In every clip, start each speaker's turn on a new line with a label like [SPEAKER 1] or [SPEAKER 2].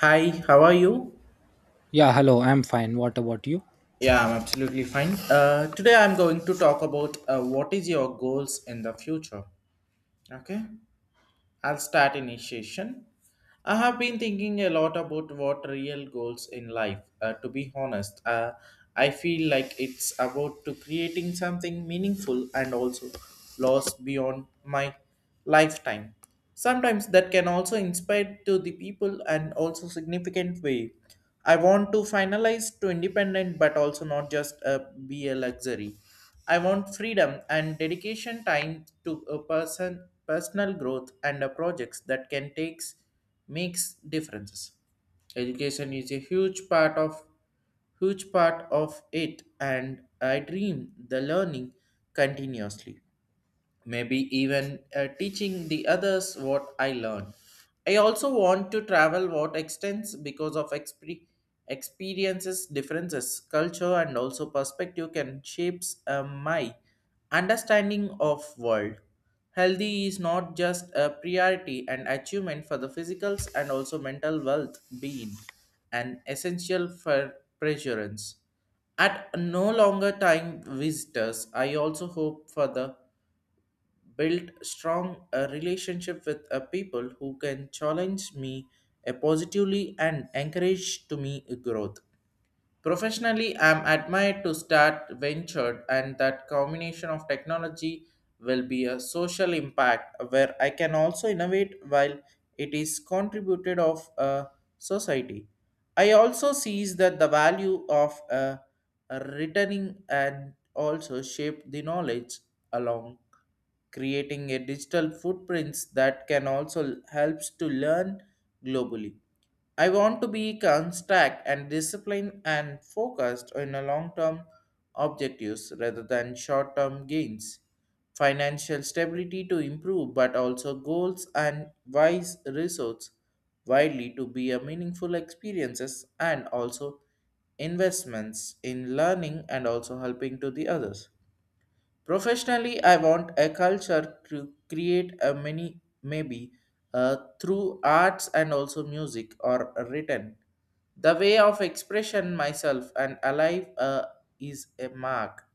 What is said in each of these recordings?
[SPEAKER 1] Hi, how are you?
[SPEAKER 2] Yeah, hello, I'm fine. What about you?
[SPEAKER 1] Yeah, I'm absolutely fine. Today I'm going to talk about what is your goals in the future. Okay. I'll start initiation. I have been thinking a lot about what real goals in life. To be honest, I feel like it's about to creating something meaningful and also lost beyond my lifetime. Sometimes that can also inspire to the people and also significant way. I want to finalize to independent, but also not just be a luxury. I want freedom and dedication time to a personal growth and a projects that can takes makes differences. Education is a huge part of it and I dream the learning continuously maybe even teaching the others what I learn. I also want to travel what extends because of experiences, differences, culture, and also perspective can shapes my understanding of world. Healthy is not just a priority and achievement for the physicals and also mental wealth being an essential for preserance. At no longer time visitors, I also hope for the build strong relationship with people who can challenge me positively and encourage to me growth professionally. I'm admired to start ventured and that combination of technology will be a social impact where I can also innovate while it is contributed of a society. I also sees that the value of returning and also shape the knowledge along creating a digital footprints that can also helps to learn globally. I want to be construct and disciplined and focused on a long-term objectives rather than short-term gains. Financial stability to improve, but also goals and wise resources widely to be a meaningful experiences and also investments in learning and also helping to the others. Professionally, I want a culture to create a mini, maybe through arts and also music or written. The way of expression myself and alive is a mark.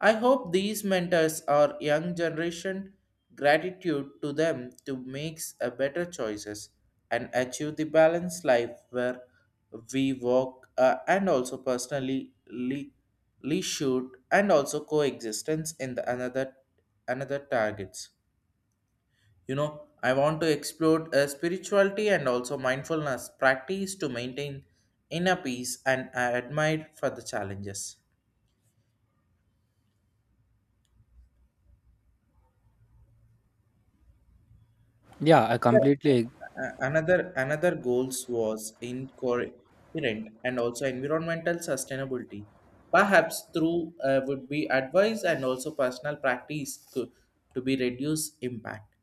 [SPEAKER 1] I hope these mentors are young generation gratitude to them to make a better choices and achieve the balanced life where we work and also personally leisure and also coexistence in the another targets. You know, I want to explore spirituality and also mindfulness practice to maintain inner peace and I admire for the challenges.
[SPEAKER 2] Yeah, I completely.
[SPEAKER 1] Another goals was incoherent and also environmental sustainability. Perhaps through would be advice and also personal practice to be reduce impact.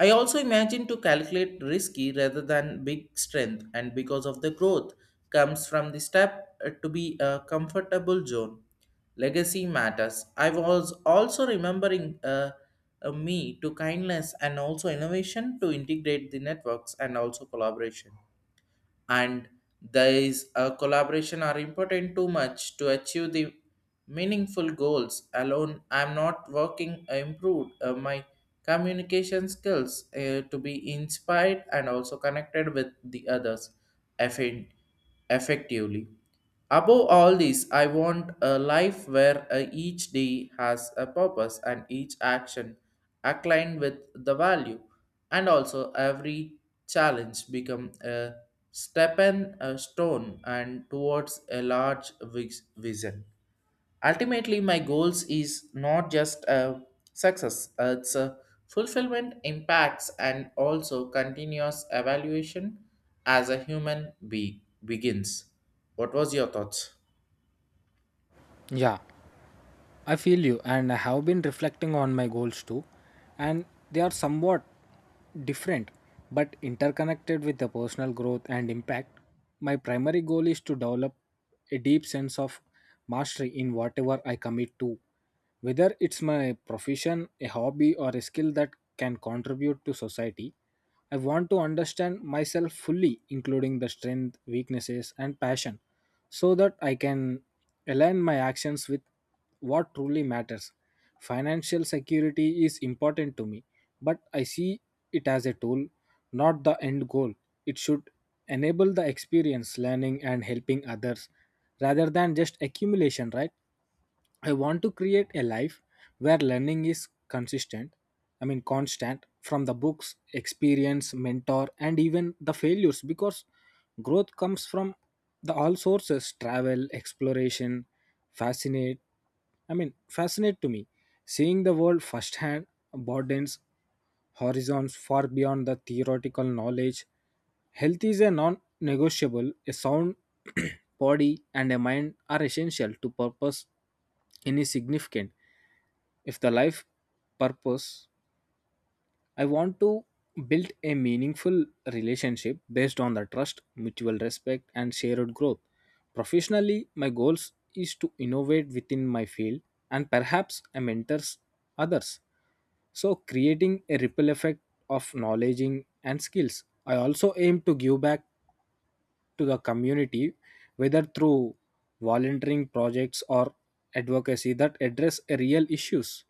[SPEAKER 1] I also imagine to calculate risky rather than big strength, and because of the growth comes from the step to be a comfortable zone. Legacy matters. I was also remembering me to kindness and also innovation to integrate the networks and also collaboration and there is a collaboration are important too much to achieve the meaningful goals alone. I'm not working improved my communication skills to be inspired and also connected with the others effin- effectively. Above all this, I want a life where each day has a purpose and each action aligned with the value and also every challenge become a stepping a stone and towards a large vision. Ultimately my goals is not just a success, it's a fulfillment impacts and also continuous evaluation as a human be begins. What was your thoughts?
[SPEAKER 2] Yeah. I feel you, and I have been reflecting on my goals too, and they are somewhat different but interconnected with the personal growth and impact. My primary goal is to develop a deep sense of mastery in whatever I commit to, whether it's my profession, a hobby, or a skill that can contribute to society. I want to understand myself fully, including the strength, weaknesses, and passion, so that I can align my actions with what truly matters. Financial security is important to me, but I see it as a tool, not the end goal. It should enable the experience, learning, and helping others rather than just accumulation, right? I want to create a life where learning is consistent, constant from the books, experience, mentor, and even the failures because growth comes from the all sources travel, exploration, fascinate. Fascinate to me. Seeing the world firsthand broadens horizons far beyond the theoretical knowledge. Health is a non negotiable, a sound body and a mind are essential to purpose any significant if the life purpose. I want to build a meaningful relationship based on the trust, mutual respect, and shared growth. Professionally, my goals is to innovate within my field and perhaps I mentors others. So creating a ripple effect of knowledge and skills. I also aim to give back to the community whether through volunteering projects or advocacy that address a real issues.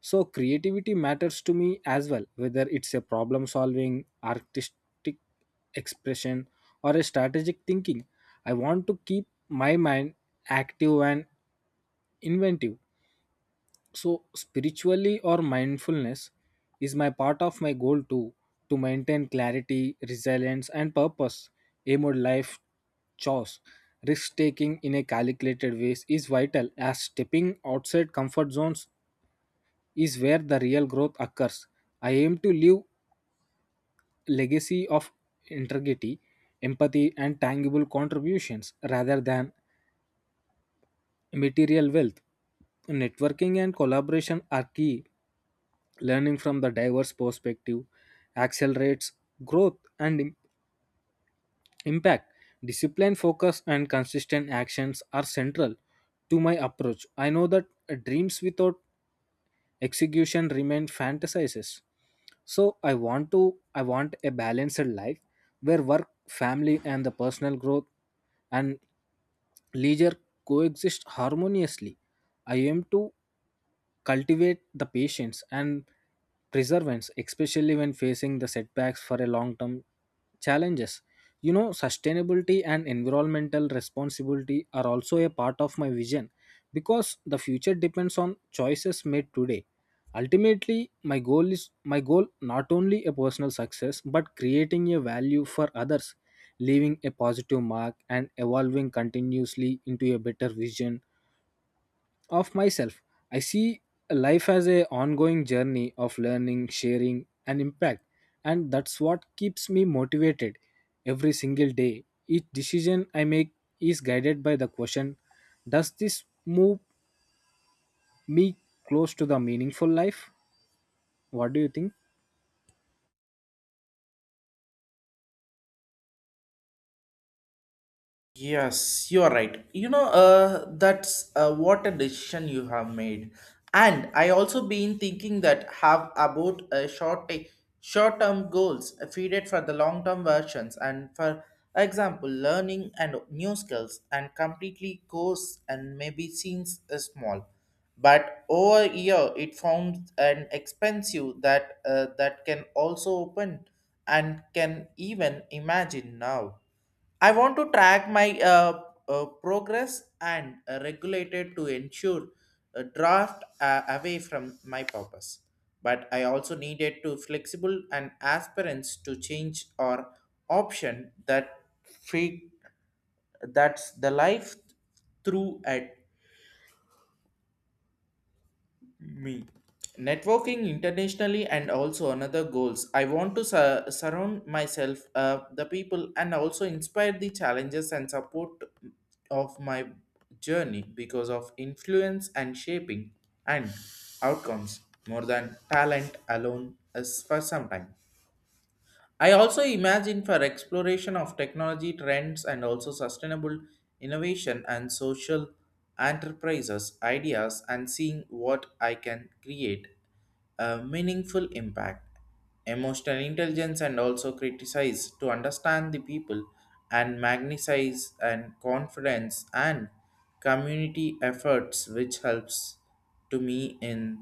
[SPEAKER 2] So creativity matters to me as well, whether it's a problem solving, artistic expression, or a strategic thinking. I want to keep my mind active and inventive. So spiritually or mindfulness is my part of my goal too, to maintain clarity, resilience, and purpose. Aim or life choice. Risk taking in a calculated ways is vital as stepping outside comfort zones is where the real growth occurs. I aim to leave legacy of integrity, empathy and tangible contributions rather than material wealth. Networking and collaboration are key. Learning from the diverse perspective accelerates growth and impact. Discipline, focus, and consistent actions are central to my approach. I know that dreams without execution remain fantasizes, so i want to I want a balanced life where work, family, and the personal growth and leisure coexist harmoniously. I aim to cultivate the patience and perseverance especially when facing the setbacks for a long term challenges. You know, sustainability and environmental responsibility are also a part of my vision because the future depends on choices made today. Ultimately, my goal not only a personal success but creating a value for others, leaving a positive mark and evolving continuously into a better vision of myself. I see life as a ongoing journey of learning, sharing and impact, and that's what keeps me motivated every single day. Each decision I make is guided by the question, does this move me close to the meaningful life? What do you think?
[SPEAKER 1] Yes, you're right. That's what a decision you have made. And I also been thinking that have about short term goals feeded for the long term versions and for example learning and new skills and completely course and maybe seems small but over year it forms an expensive that that can also open and can even imagine now. I want to track my progress and regulate it to ensure a draft away from my purpose. But I also needed to flexible and aspirants to change or option that fake, that's the life through it me networking internationally and also another goals. I want to surround myself the people and also inspire the challenges and support of my journey because of influence and shaping and outcomes more than talent alone. As for some time I also imagine for exploration of technology trends and also sustainable innovation and social enterprises, ideas, and seeing what I can create a meaningful impact. Emotional intelligence and also criticize to understand the people and magnetize and confidence and community efforts which helps to me in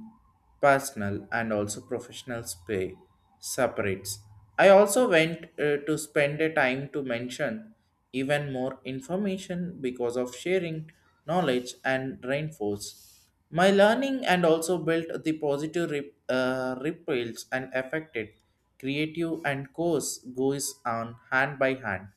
[SPEAKER 1] personal and also professional separates. I also went to spend a time to mention even more information because of sharing knowledge and reinforce my learning and also built the positive ripples and affected creative and course goes on hand by hand.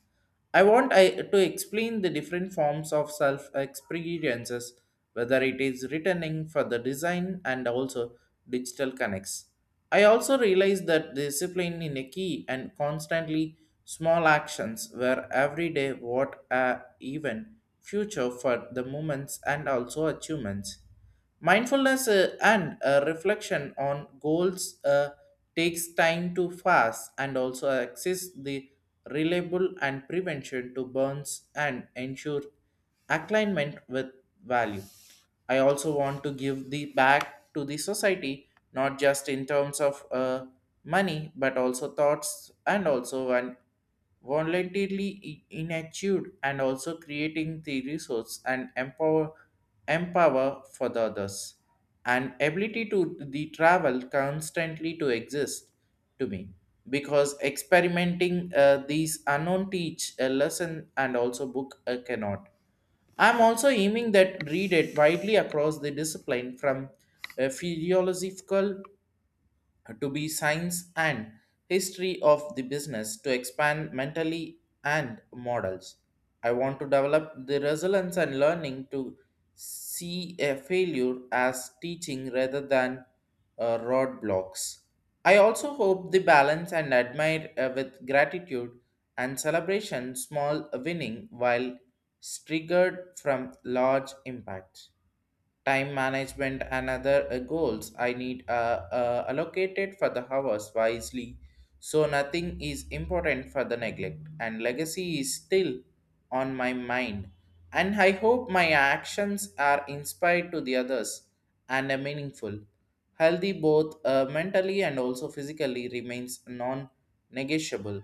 [SPEAKER 1] I, to explain the different forms of self experiences, whether it is returning for the design and also digital connects. I also realize that discipline in a key and constantly small actions were every day what a even future for the moments and also achievements. Mindfulness and reflection on goals takes time to fast and also access the reliable and prevention to burns and ensure alignment with value. I also want to give the back to the society, not just in terms of money, but also thoughts and also an voluntarily inactive and also creating the resource and empower for the others and ability to the travel constantly to exist to me because experimenting these unknown teach a lesson and also book cannot. I'm also aiming that read it widely across the discipline from a philosophical to be science and history of the business to expand mentally and models. I want to develop the resilience and learning to see a failure as teaching rather than roadblocks. I also hope the balance and admire with gratitude and celebration small winning while triggered from large impacts. Time management and other goals I need allocated for the hours wisely so nothing is important for the neglect and legacy is still on my mind and I hope my actions are inspired to the others and are meaningful. Healthy both mentally and also physically remains non-negotiable.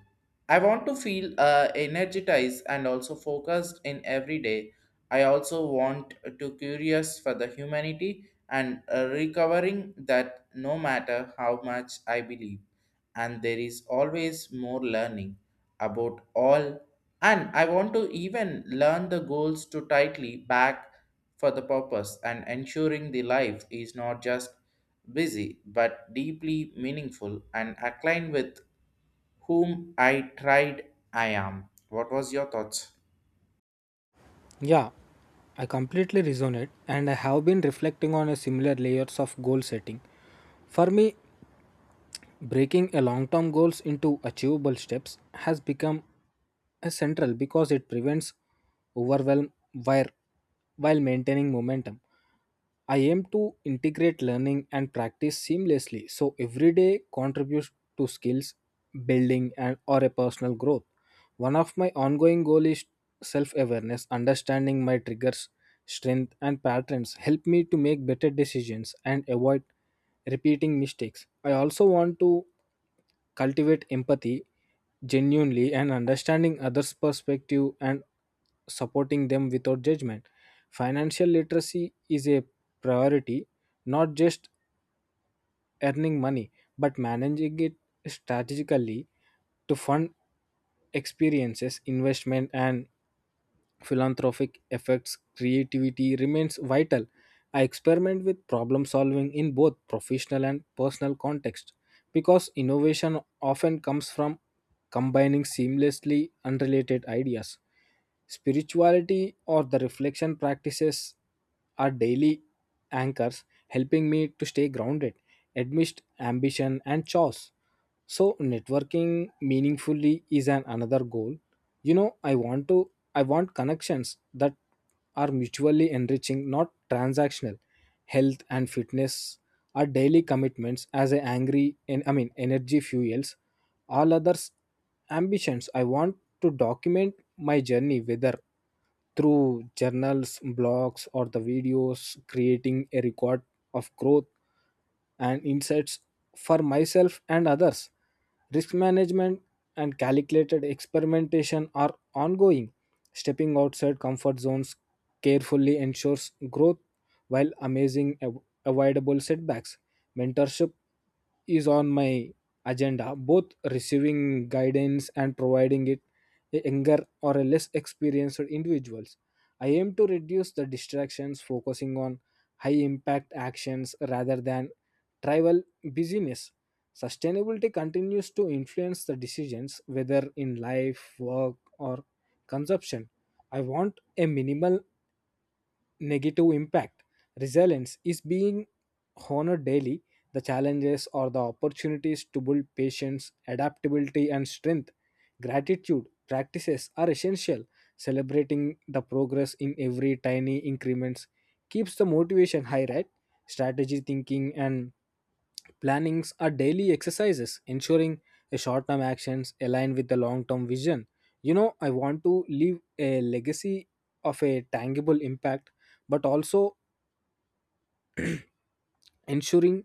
[SPEAKER 1] I want to feel energized and also focused in every day. I also want to curious for the humanity and recovering that no matter how much I believe, and there is always more learning about all. And I want to even learn the goals to tightly back for the purpose and ensuring the life is not just busy but deeply meaningful and aligned with whom I am. What was your thoughts?
[SPEAKER 2] Yeah, I completely resonate, and I have been reflecting on a similar layers of goal setting. For me, breaking a long-term goals into achievable steps has become a central because it prevents overwhelm while, while maintaining momentum. I aim to integrate learning and practice seamlessly so every day contributes to skills building and or a personal growth. One of my ongoing goals is self awareness, understanding my triggers, strength, and patterns help me to make better decisions and avoid repeating mistakes. I also want to cultivate empathy genuinely and understanding others' perspective and supporting them without judgment. Financial literacy is a priority, not just earning money, but managing it strategically to fund experiences, investment, and philanthropic efforts, creativity remains vital. I experiment with problem solving in both professional and personal context because innovation often comes from combining seamlessly unrelated ideas. Spirituality or the reflection practices are daily anchors helping me to stay grounded amidst ambition and chores. So networking meaningfully is an another goal. You know, I want connections that are mutually enriching, not transactional. Health and fitness are daily commitments as a angry and I mean energy fuels. All others ambitions. I want to document my journey whether through journals, blogs, or the videos, creating a record of growth and insights for myself and others. Risk management and calculated experimentation are ongoing. Stepping outside comfort zones carefully ensures growth while avoidable setbacks. Mentorship is on my agenda, both receiving guidance and providing it a younger or a less experienced individuals. I aim to reduce the distractions, focusing on high impact actions rather than trivial busyness. Sustainability continues to influence the decisions, whether in life, work, or consumption. I want a minimal negative impact. Resilience is being honored daily. The challenges or the opportunities to build patience, adaptability, and strength. Gratitude practices are essential. Celebrating the progress in every tiny increments keeps the motivation high, right? Strategy thinking and plannings are daily exercises, ensuring a short-term actions align with the long-term vision. You know, I want to leave a legacy of a tangible impact, but also ensuring,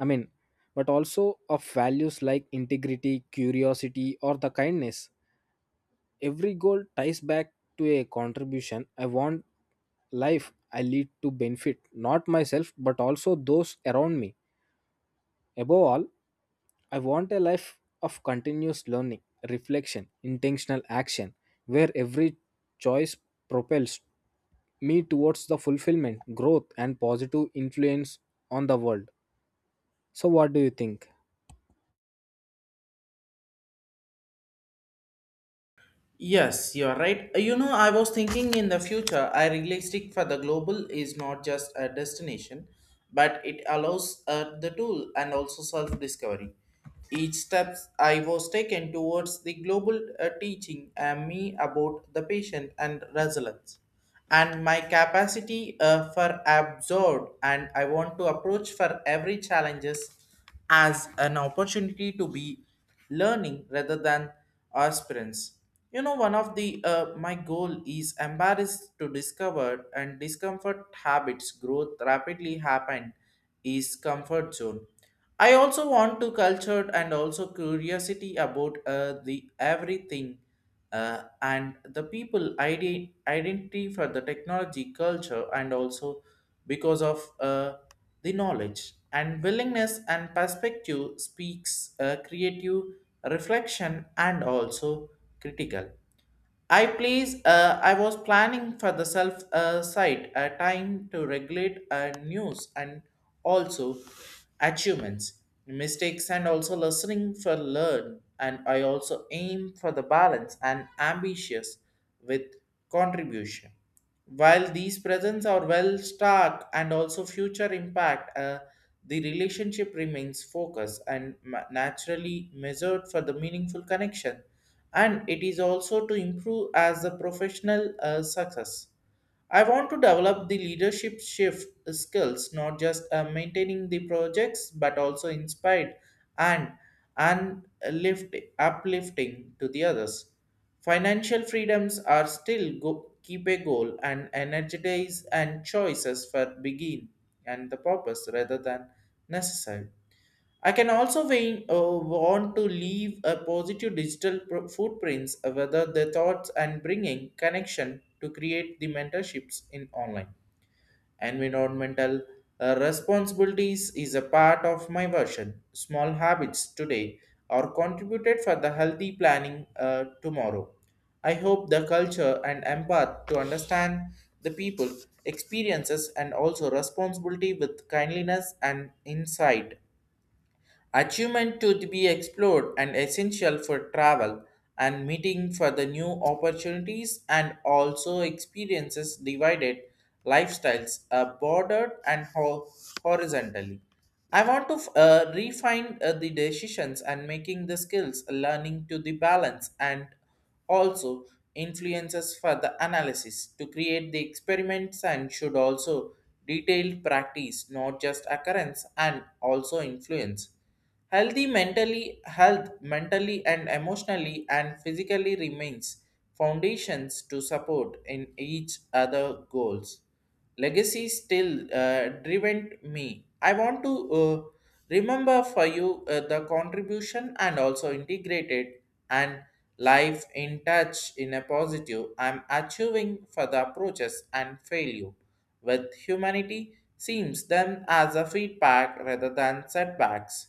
[SPEAKER 2] I mean, but also of values like integrity, curiosity, or the kindness. Every goal ties back to a contribution. I want life I lead to benefit not myself but also those around me. Above all, I want a life of continuous learning, reflection, intentional action, where every choice propels me towards the fulfillment, growth, and positive influence on the world. So, what do you think?
[SPEAKER 1] Yes, you are right. You know, I was thinking in the future, I realistic for the global is not just a destination, but it allows the tool and also self discovery. Each step I was taken towards the global teaching me about the patient and resilience, and my capacity for absorb. And I want to approach for every challenges as an opportunity to be learning rather than aspirants. You know, one of the my goal is embarrassed to discover and discomfort habits growth rapidly happen is comfort zone. I also want to culture and also curiosity about the everything and the people identity for the technology culture and also because of the knowledge and willingness and perspective speaks a creative reflection and also critical. I was planning for the self site a time to regulate news and also achievements mistakes and also listening for learn. And I also aim for the balance and ambitious with contribution while these presents are well stark and also future impact, the relationship remains focused and naturally measured for the meaningful connection. And it is also to improve as a professional success. I want to develop the leadership shift skills, not just maintaining the projects, but also inspired and and uplifting to the others. Financial freedoms are still keep a goal and energize and choices for begin and the purpose rather than necessary. I can also want to leave a positive digital footprints, whether the thoughts and bringing connection to create the mentorships in online. Environmental responsibilities is a part of my version. Small habits today are contributed for the healthy planning tomorrow. I hope the culture and empath to understand the people experiences and also responsibility with kindliness and insight. Achievement to be explored and essential for travel and meeting for the new opportunities and also experiences divided lifestyles are bordered and horizontally. I want to refine the decisions and making the skills, learning to the balance, and also influences for the analysis to create the experiments and should also detailed practice, not just occurrence and also influence. Health mentally and emotionally and physically remains foundations to support in each other goals. Legacy still driven me. I want to remember for you the contribution and also integrated and life in touch in a positive. I'm achieving for the approaches and failure with humanity seems them as a feedback rather than setbacks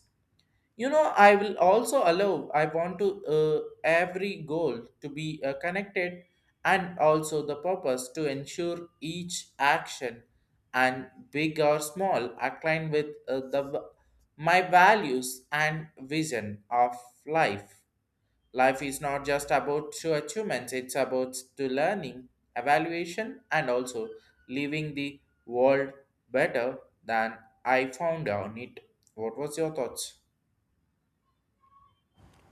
[SPEAKER 1] you know I will also allow I want to every goal to be connected and also the purpose to ensure each action and big or small align with my values and vision of life life. Is not just about to achievements. It's about to learning, evaluation, and also leaving the world better than I found on it. What was your thoughts?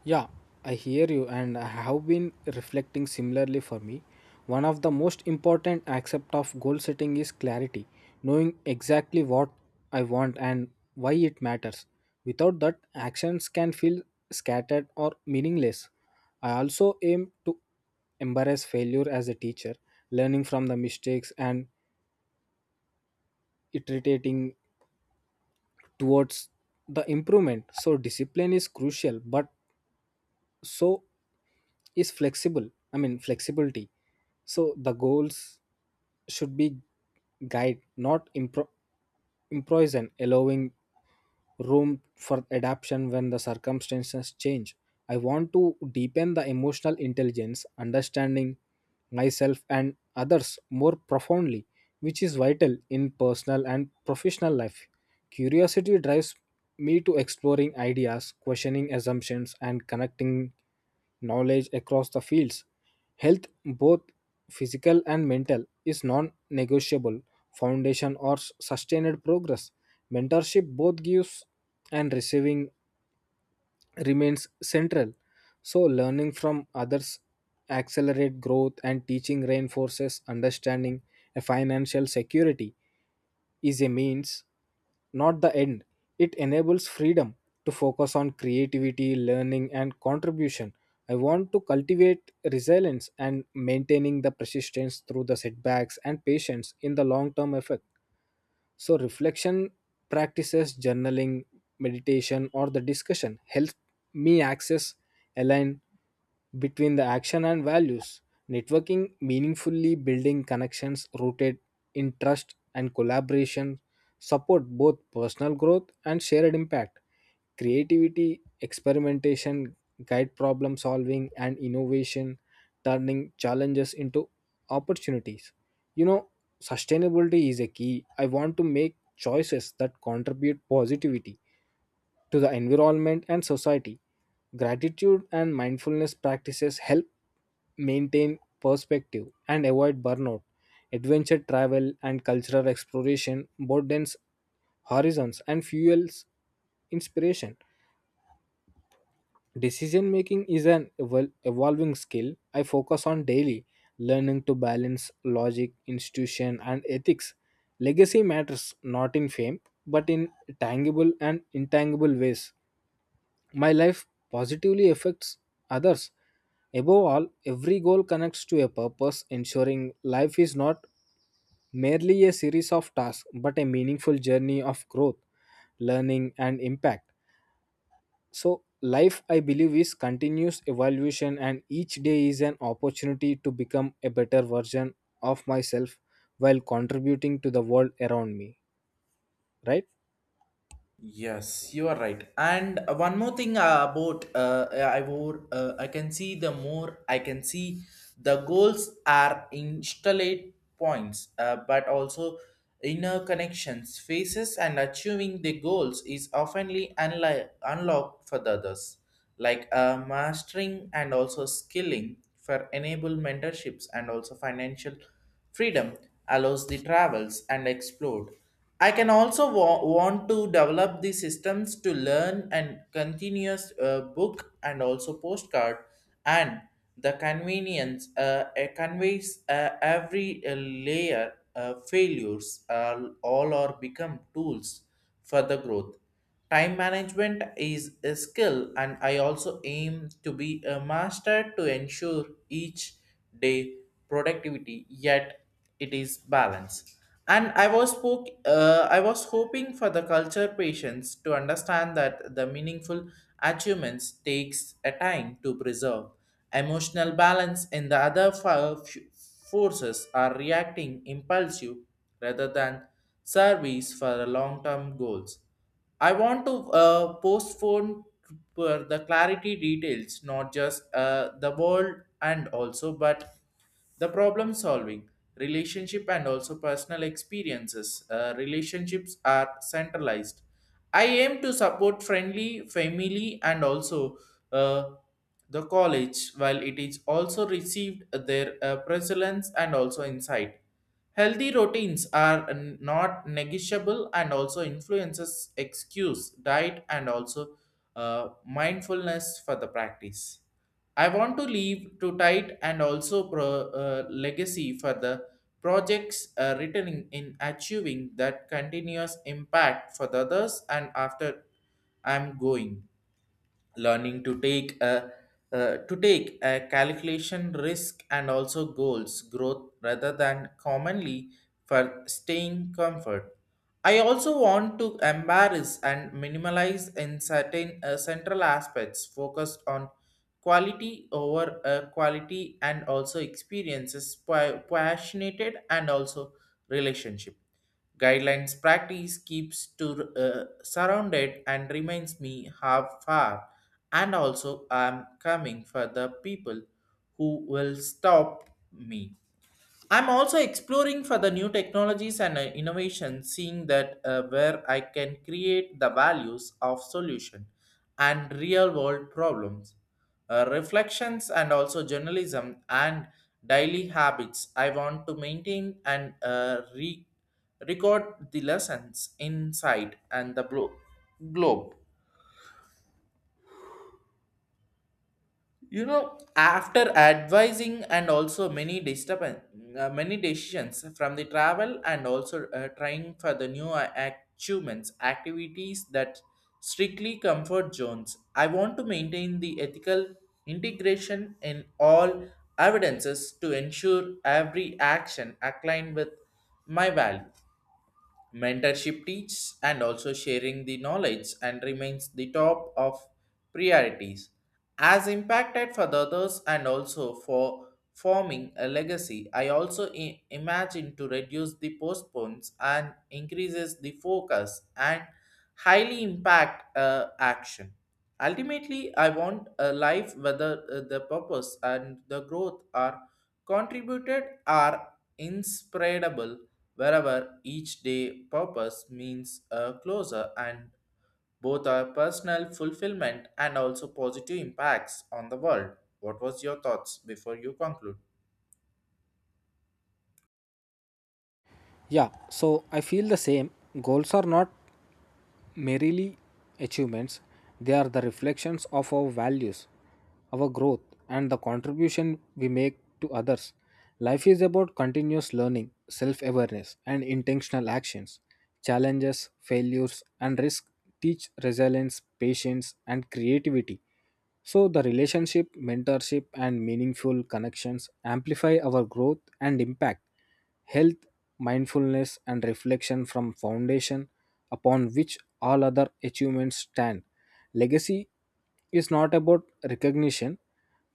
[SPEAKER 2] Yeah, I hear you, and I have been reflecting similarly for me. One of the most important aspect of goal setting is clarity, knowing exactly what I want and why it matters. Without that, actions can feel scattered or meaningless. I also aim to embrace failure as a teacher, learning from the mistakes and iterating towards the improvement. So, discipline is crucial, but so is flexible I mean flexibility, so the goals should be guide, not improvise, allowing room for adaptation when the circumstances change. I want to deepen the emotional intelligence, understanding myself and others more profoundly, which is vital in personal and professional life. Curiosity drives me to exploring ideas, questioning assumptions, and connecting knowledge across the fields. Health, both physical and mental, is non negotiable foundation or sustained progress. Mentorship both gives and receiving remains central. So, learning from others accelerate growth and teaching reinforces understanding a financial security is a means, not the end. It enables freedom to focus on creativity, learning, and contribution. I want to cultivate resilience and maintaining the persistence through the setbacks and patience in the long term effect. So reflection practices, journaling, meditation, or the discussion help me access align between the action and values. Networking meaningfully building connections rooted in trust and collaboration support both personal growth and shared impact. Creativity, experimentation, guide problem solving, and innovation, turning challenges into opportunities. You know, sustainability is a key. I want to make choices that contribute positivity to the environment and society. Gratitude and mindfulness practices help maintain perspective and avoid burnout. Adventure travel and cultural exploration broadens horizons and fuels inspiration. Decision making is an evolving skill I focus on daily, learning to balance logic, institution, and ethics. Legacy matters not in fame, but in tangible and intangible ways. My life positively affects others. Above all, every goal connects to a purpose, ensuring life is not merely a series of tasks but a meaningful journey of growth, learning, and impact. So, life, I believe, is continuous evolution, and each day is an opportunity to become a better version of myself while contributing to the world around me, right?
[SPEAKER 1] Yes, you are right. And one more thing about I wore, I can see the goals are installed points, but also inner connections, faces, and achieving the goals is oftenly unlocked for the others, like mastering and also skilling for enable mentorships and also financial freedom allows the travels and explore. I can also want to develop the systems to learn and continuous book and also postcard and the convenience conveys every layer failures all or become tools for the growth. Time management is a skill, and I also aim to be a master to ensure each day productivity yet it is balanced. And I was spoke I was hoping for the culture patients to understand that the meaningful achievements takes a time to preserve emotional balance in the other forces are reacting impulsive rather than service for the long-term goals. I want to postpone for the clarity details, not just the world and also, but the problem solving, relationship, and also personal experiences. Relationships are centralized. I aim to support friendly family and also uh, the college, while it is also received their presence and also insight. Healthy routines are not negotiable and also influences excuse, diet, and also mindfulness for the practice. I want to leave to tight and also legacy for the projects written in achieving that continuous impact for the others and after I'm going learning to take a calculation risk and also goals growth rather than commonly for staying comfort. I also want to embarrass and minimalize in certain central aspects focused on quality over quality and also experiences passionate and also relationship guidelines practice keeps to surrounded and reminds me how far and also I'm coming for the people who will stop me. I'm also exploring for the new technologies and innovations, seeing that where I can create the values of solution and real world problems. Reflections and also journalism and daily habits. I want to maintain and record the lessons inside and the globe. You know, after advising and also many disturbance many decisions from the travel and also trying for the new achievements activities that strictly comfort zones. I want to maintain the ethical integration in all evidences to ensure every action aligned with my value. Mentorship teaches and also sharing the knowledge and remains the top of priorities as impacted for the others and also for forming a legacy. I imagine to reduce the postpones and increases the focus and highly impact action. Ultimately, I want a life whether the purpose and the growth are contributed, are inspirable, wherever each day purpose means a closer and both our personal fulfillment and also positive impacts on the world. What was your thoughts before you conclude?
[SPEAKER 2] Yeah, so I feel the same. Goals are not merely achievements, they are the reflections of our values, our growth, and the contribution we make to others. Life is about continuous learning, self awareness, and intentional actions. Challenges, failures, and risk teach resilience, patience, and creativity. So, the relationship, mentorship, and meaningful connections amplify our growth and impact health, mindfulness, and reflection from foundation upon which all other achievements stand. Legacy is not about recognition,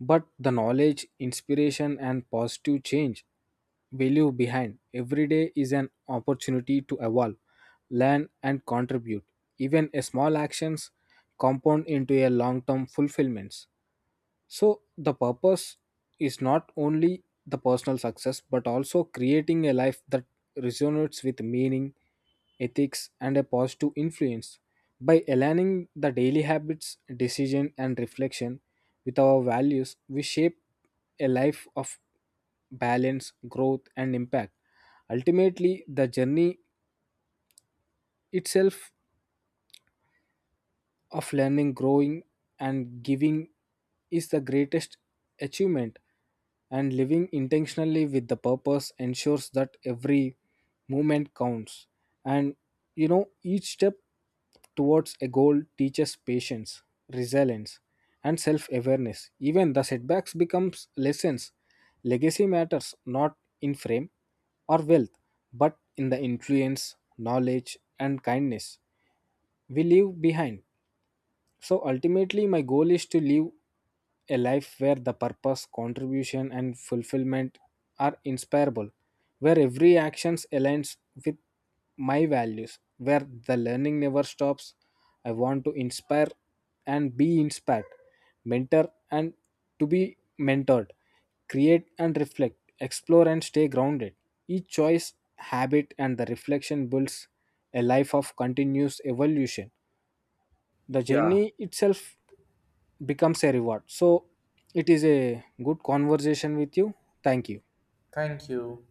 [SPEAKER 2] but the knowledge, inspiration, and positive change we leave behind. Every day is an opportunity to evolve, learn, and contribute. Even a small actions compound into a long-term fulfillments. So the purpose is not only the personal success but also creating a life that resonates with meaning, ethics and a positive influence. By aligning the daily habits, decision and reflection with our values, we shape a life of balance, growth and impact. Ultimately, the journey itself of learning, growing, and giving is the greatest achievement. And living intentionally with the purpose ensures that every movement counts. And you know, each step towards a goal teaches patience, resilience, and self awareness. Even the setbacks becomes lessons. Legacy matters not in frame or wealth, but in the influence, knowledge, and kindness we leave behind. So ultimately, my goal is to live a life where the purpose, contribution, and fulfillment are inspirable, where every action aligns with my values, where the learning never stops. I want to inspire and be inspired, mentor and to be mentored, create and reflect, explore and stay grounded. Each choice, habit, and the reflection builds a life of continuous evolution. The
[SPEAKER 1] Yeah,
[SPEAKER 2] journey itself becomes a reward. So it is a good conversation with you. Thank you.
[SPEAKER 1] thank you.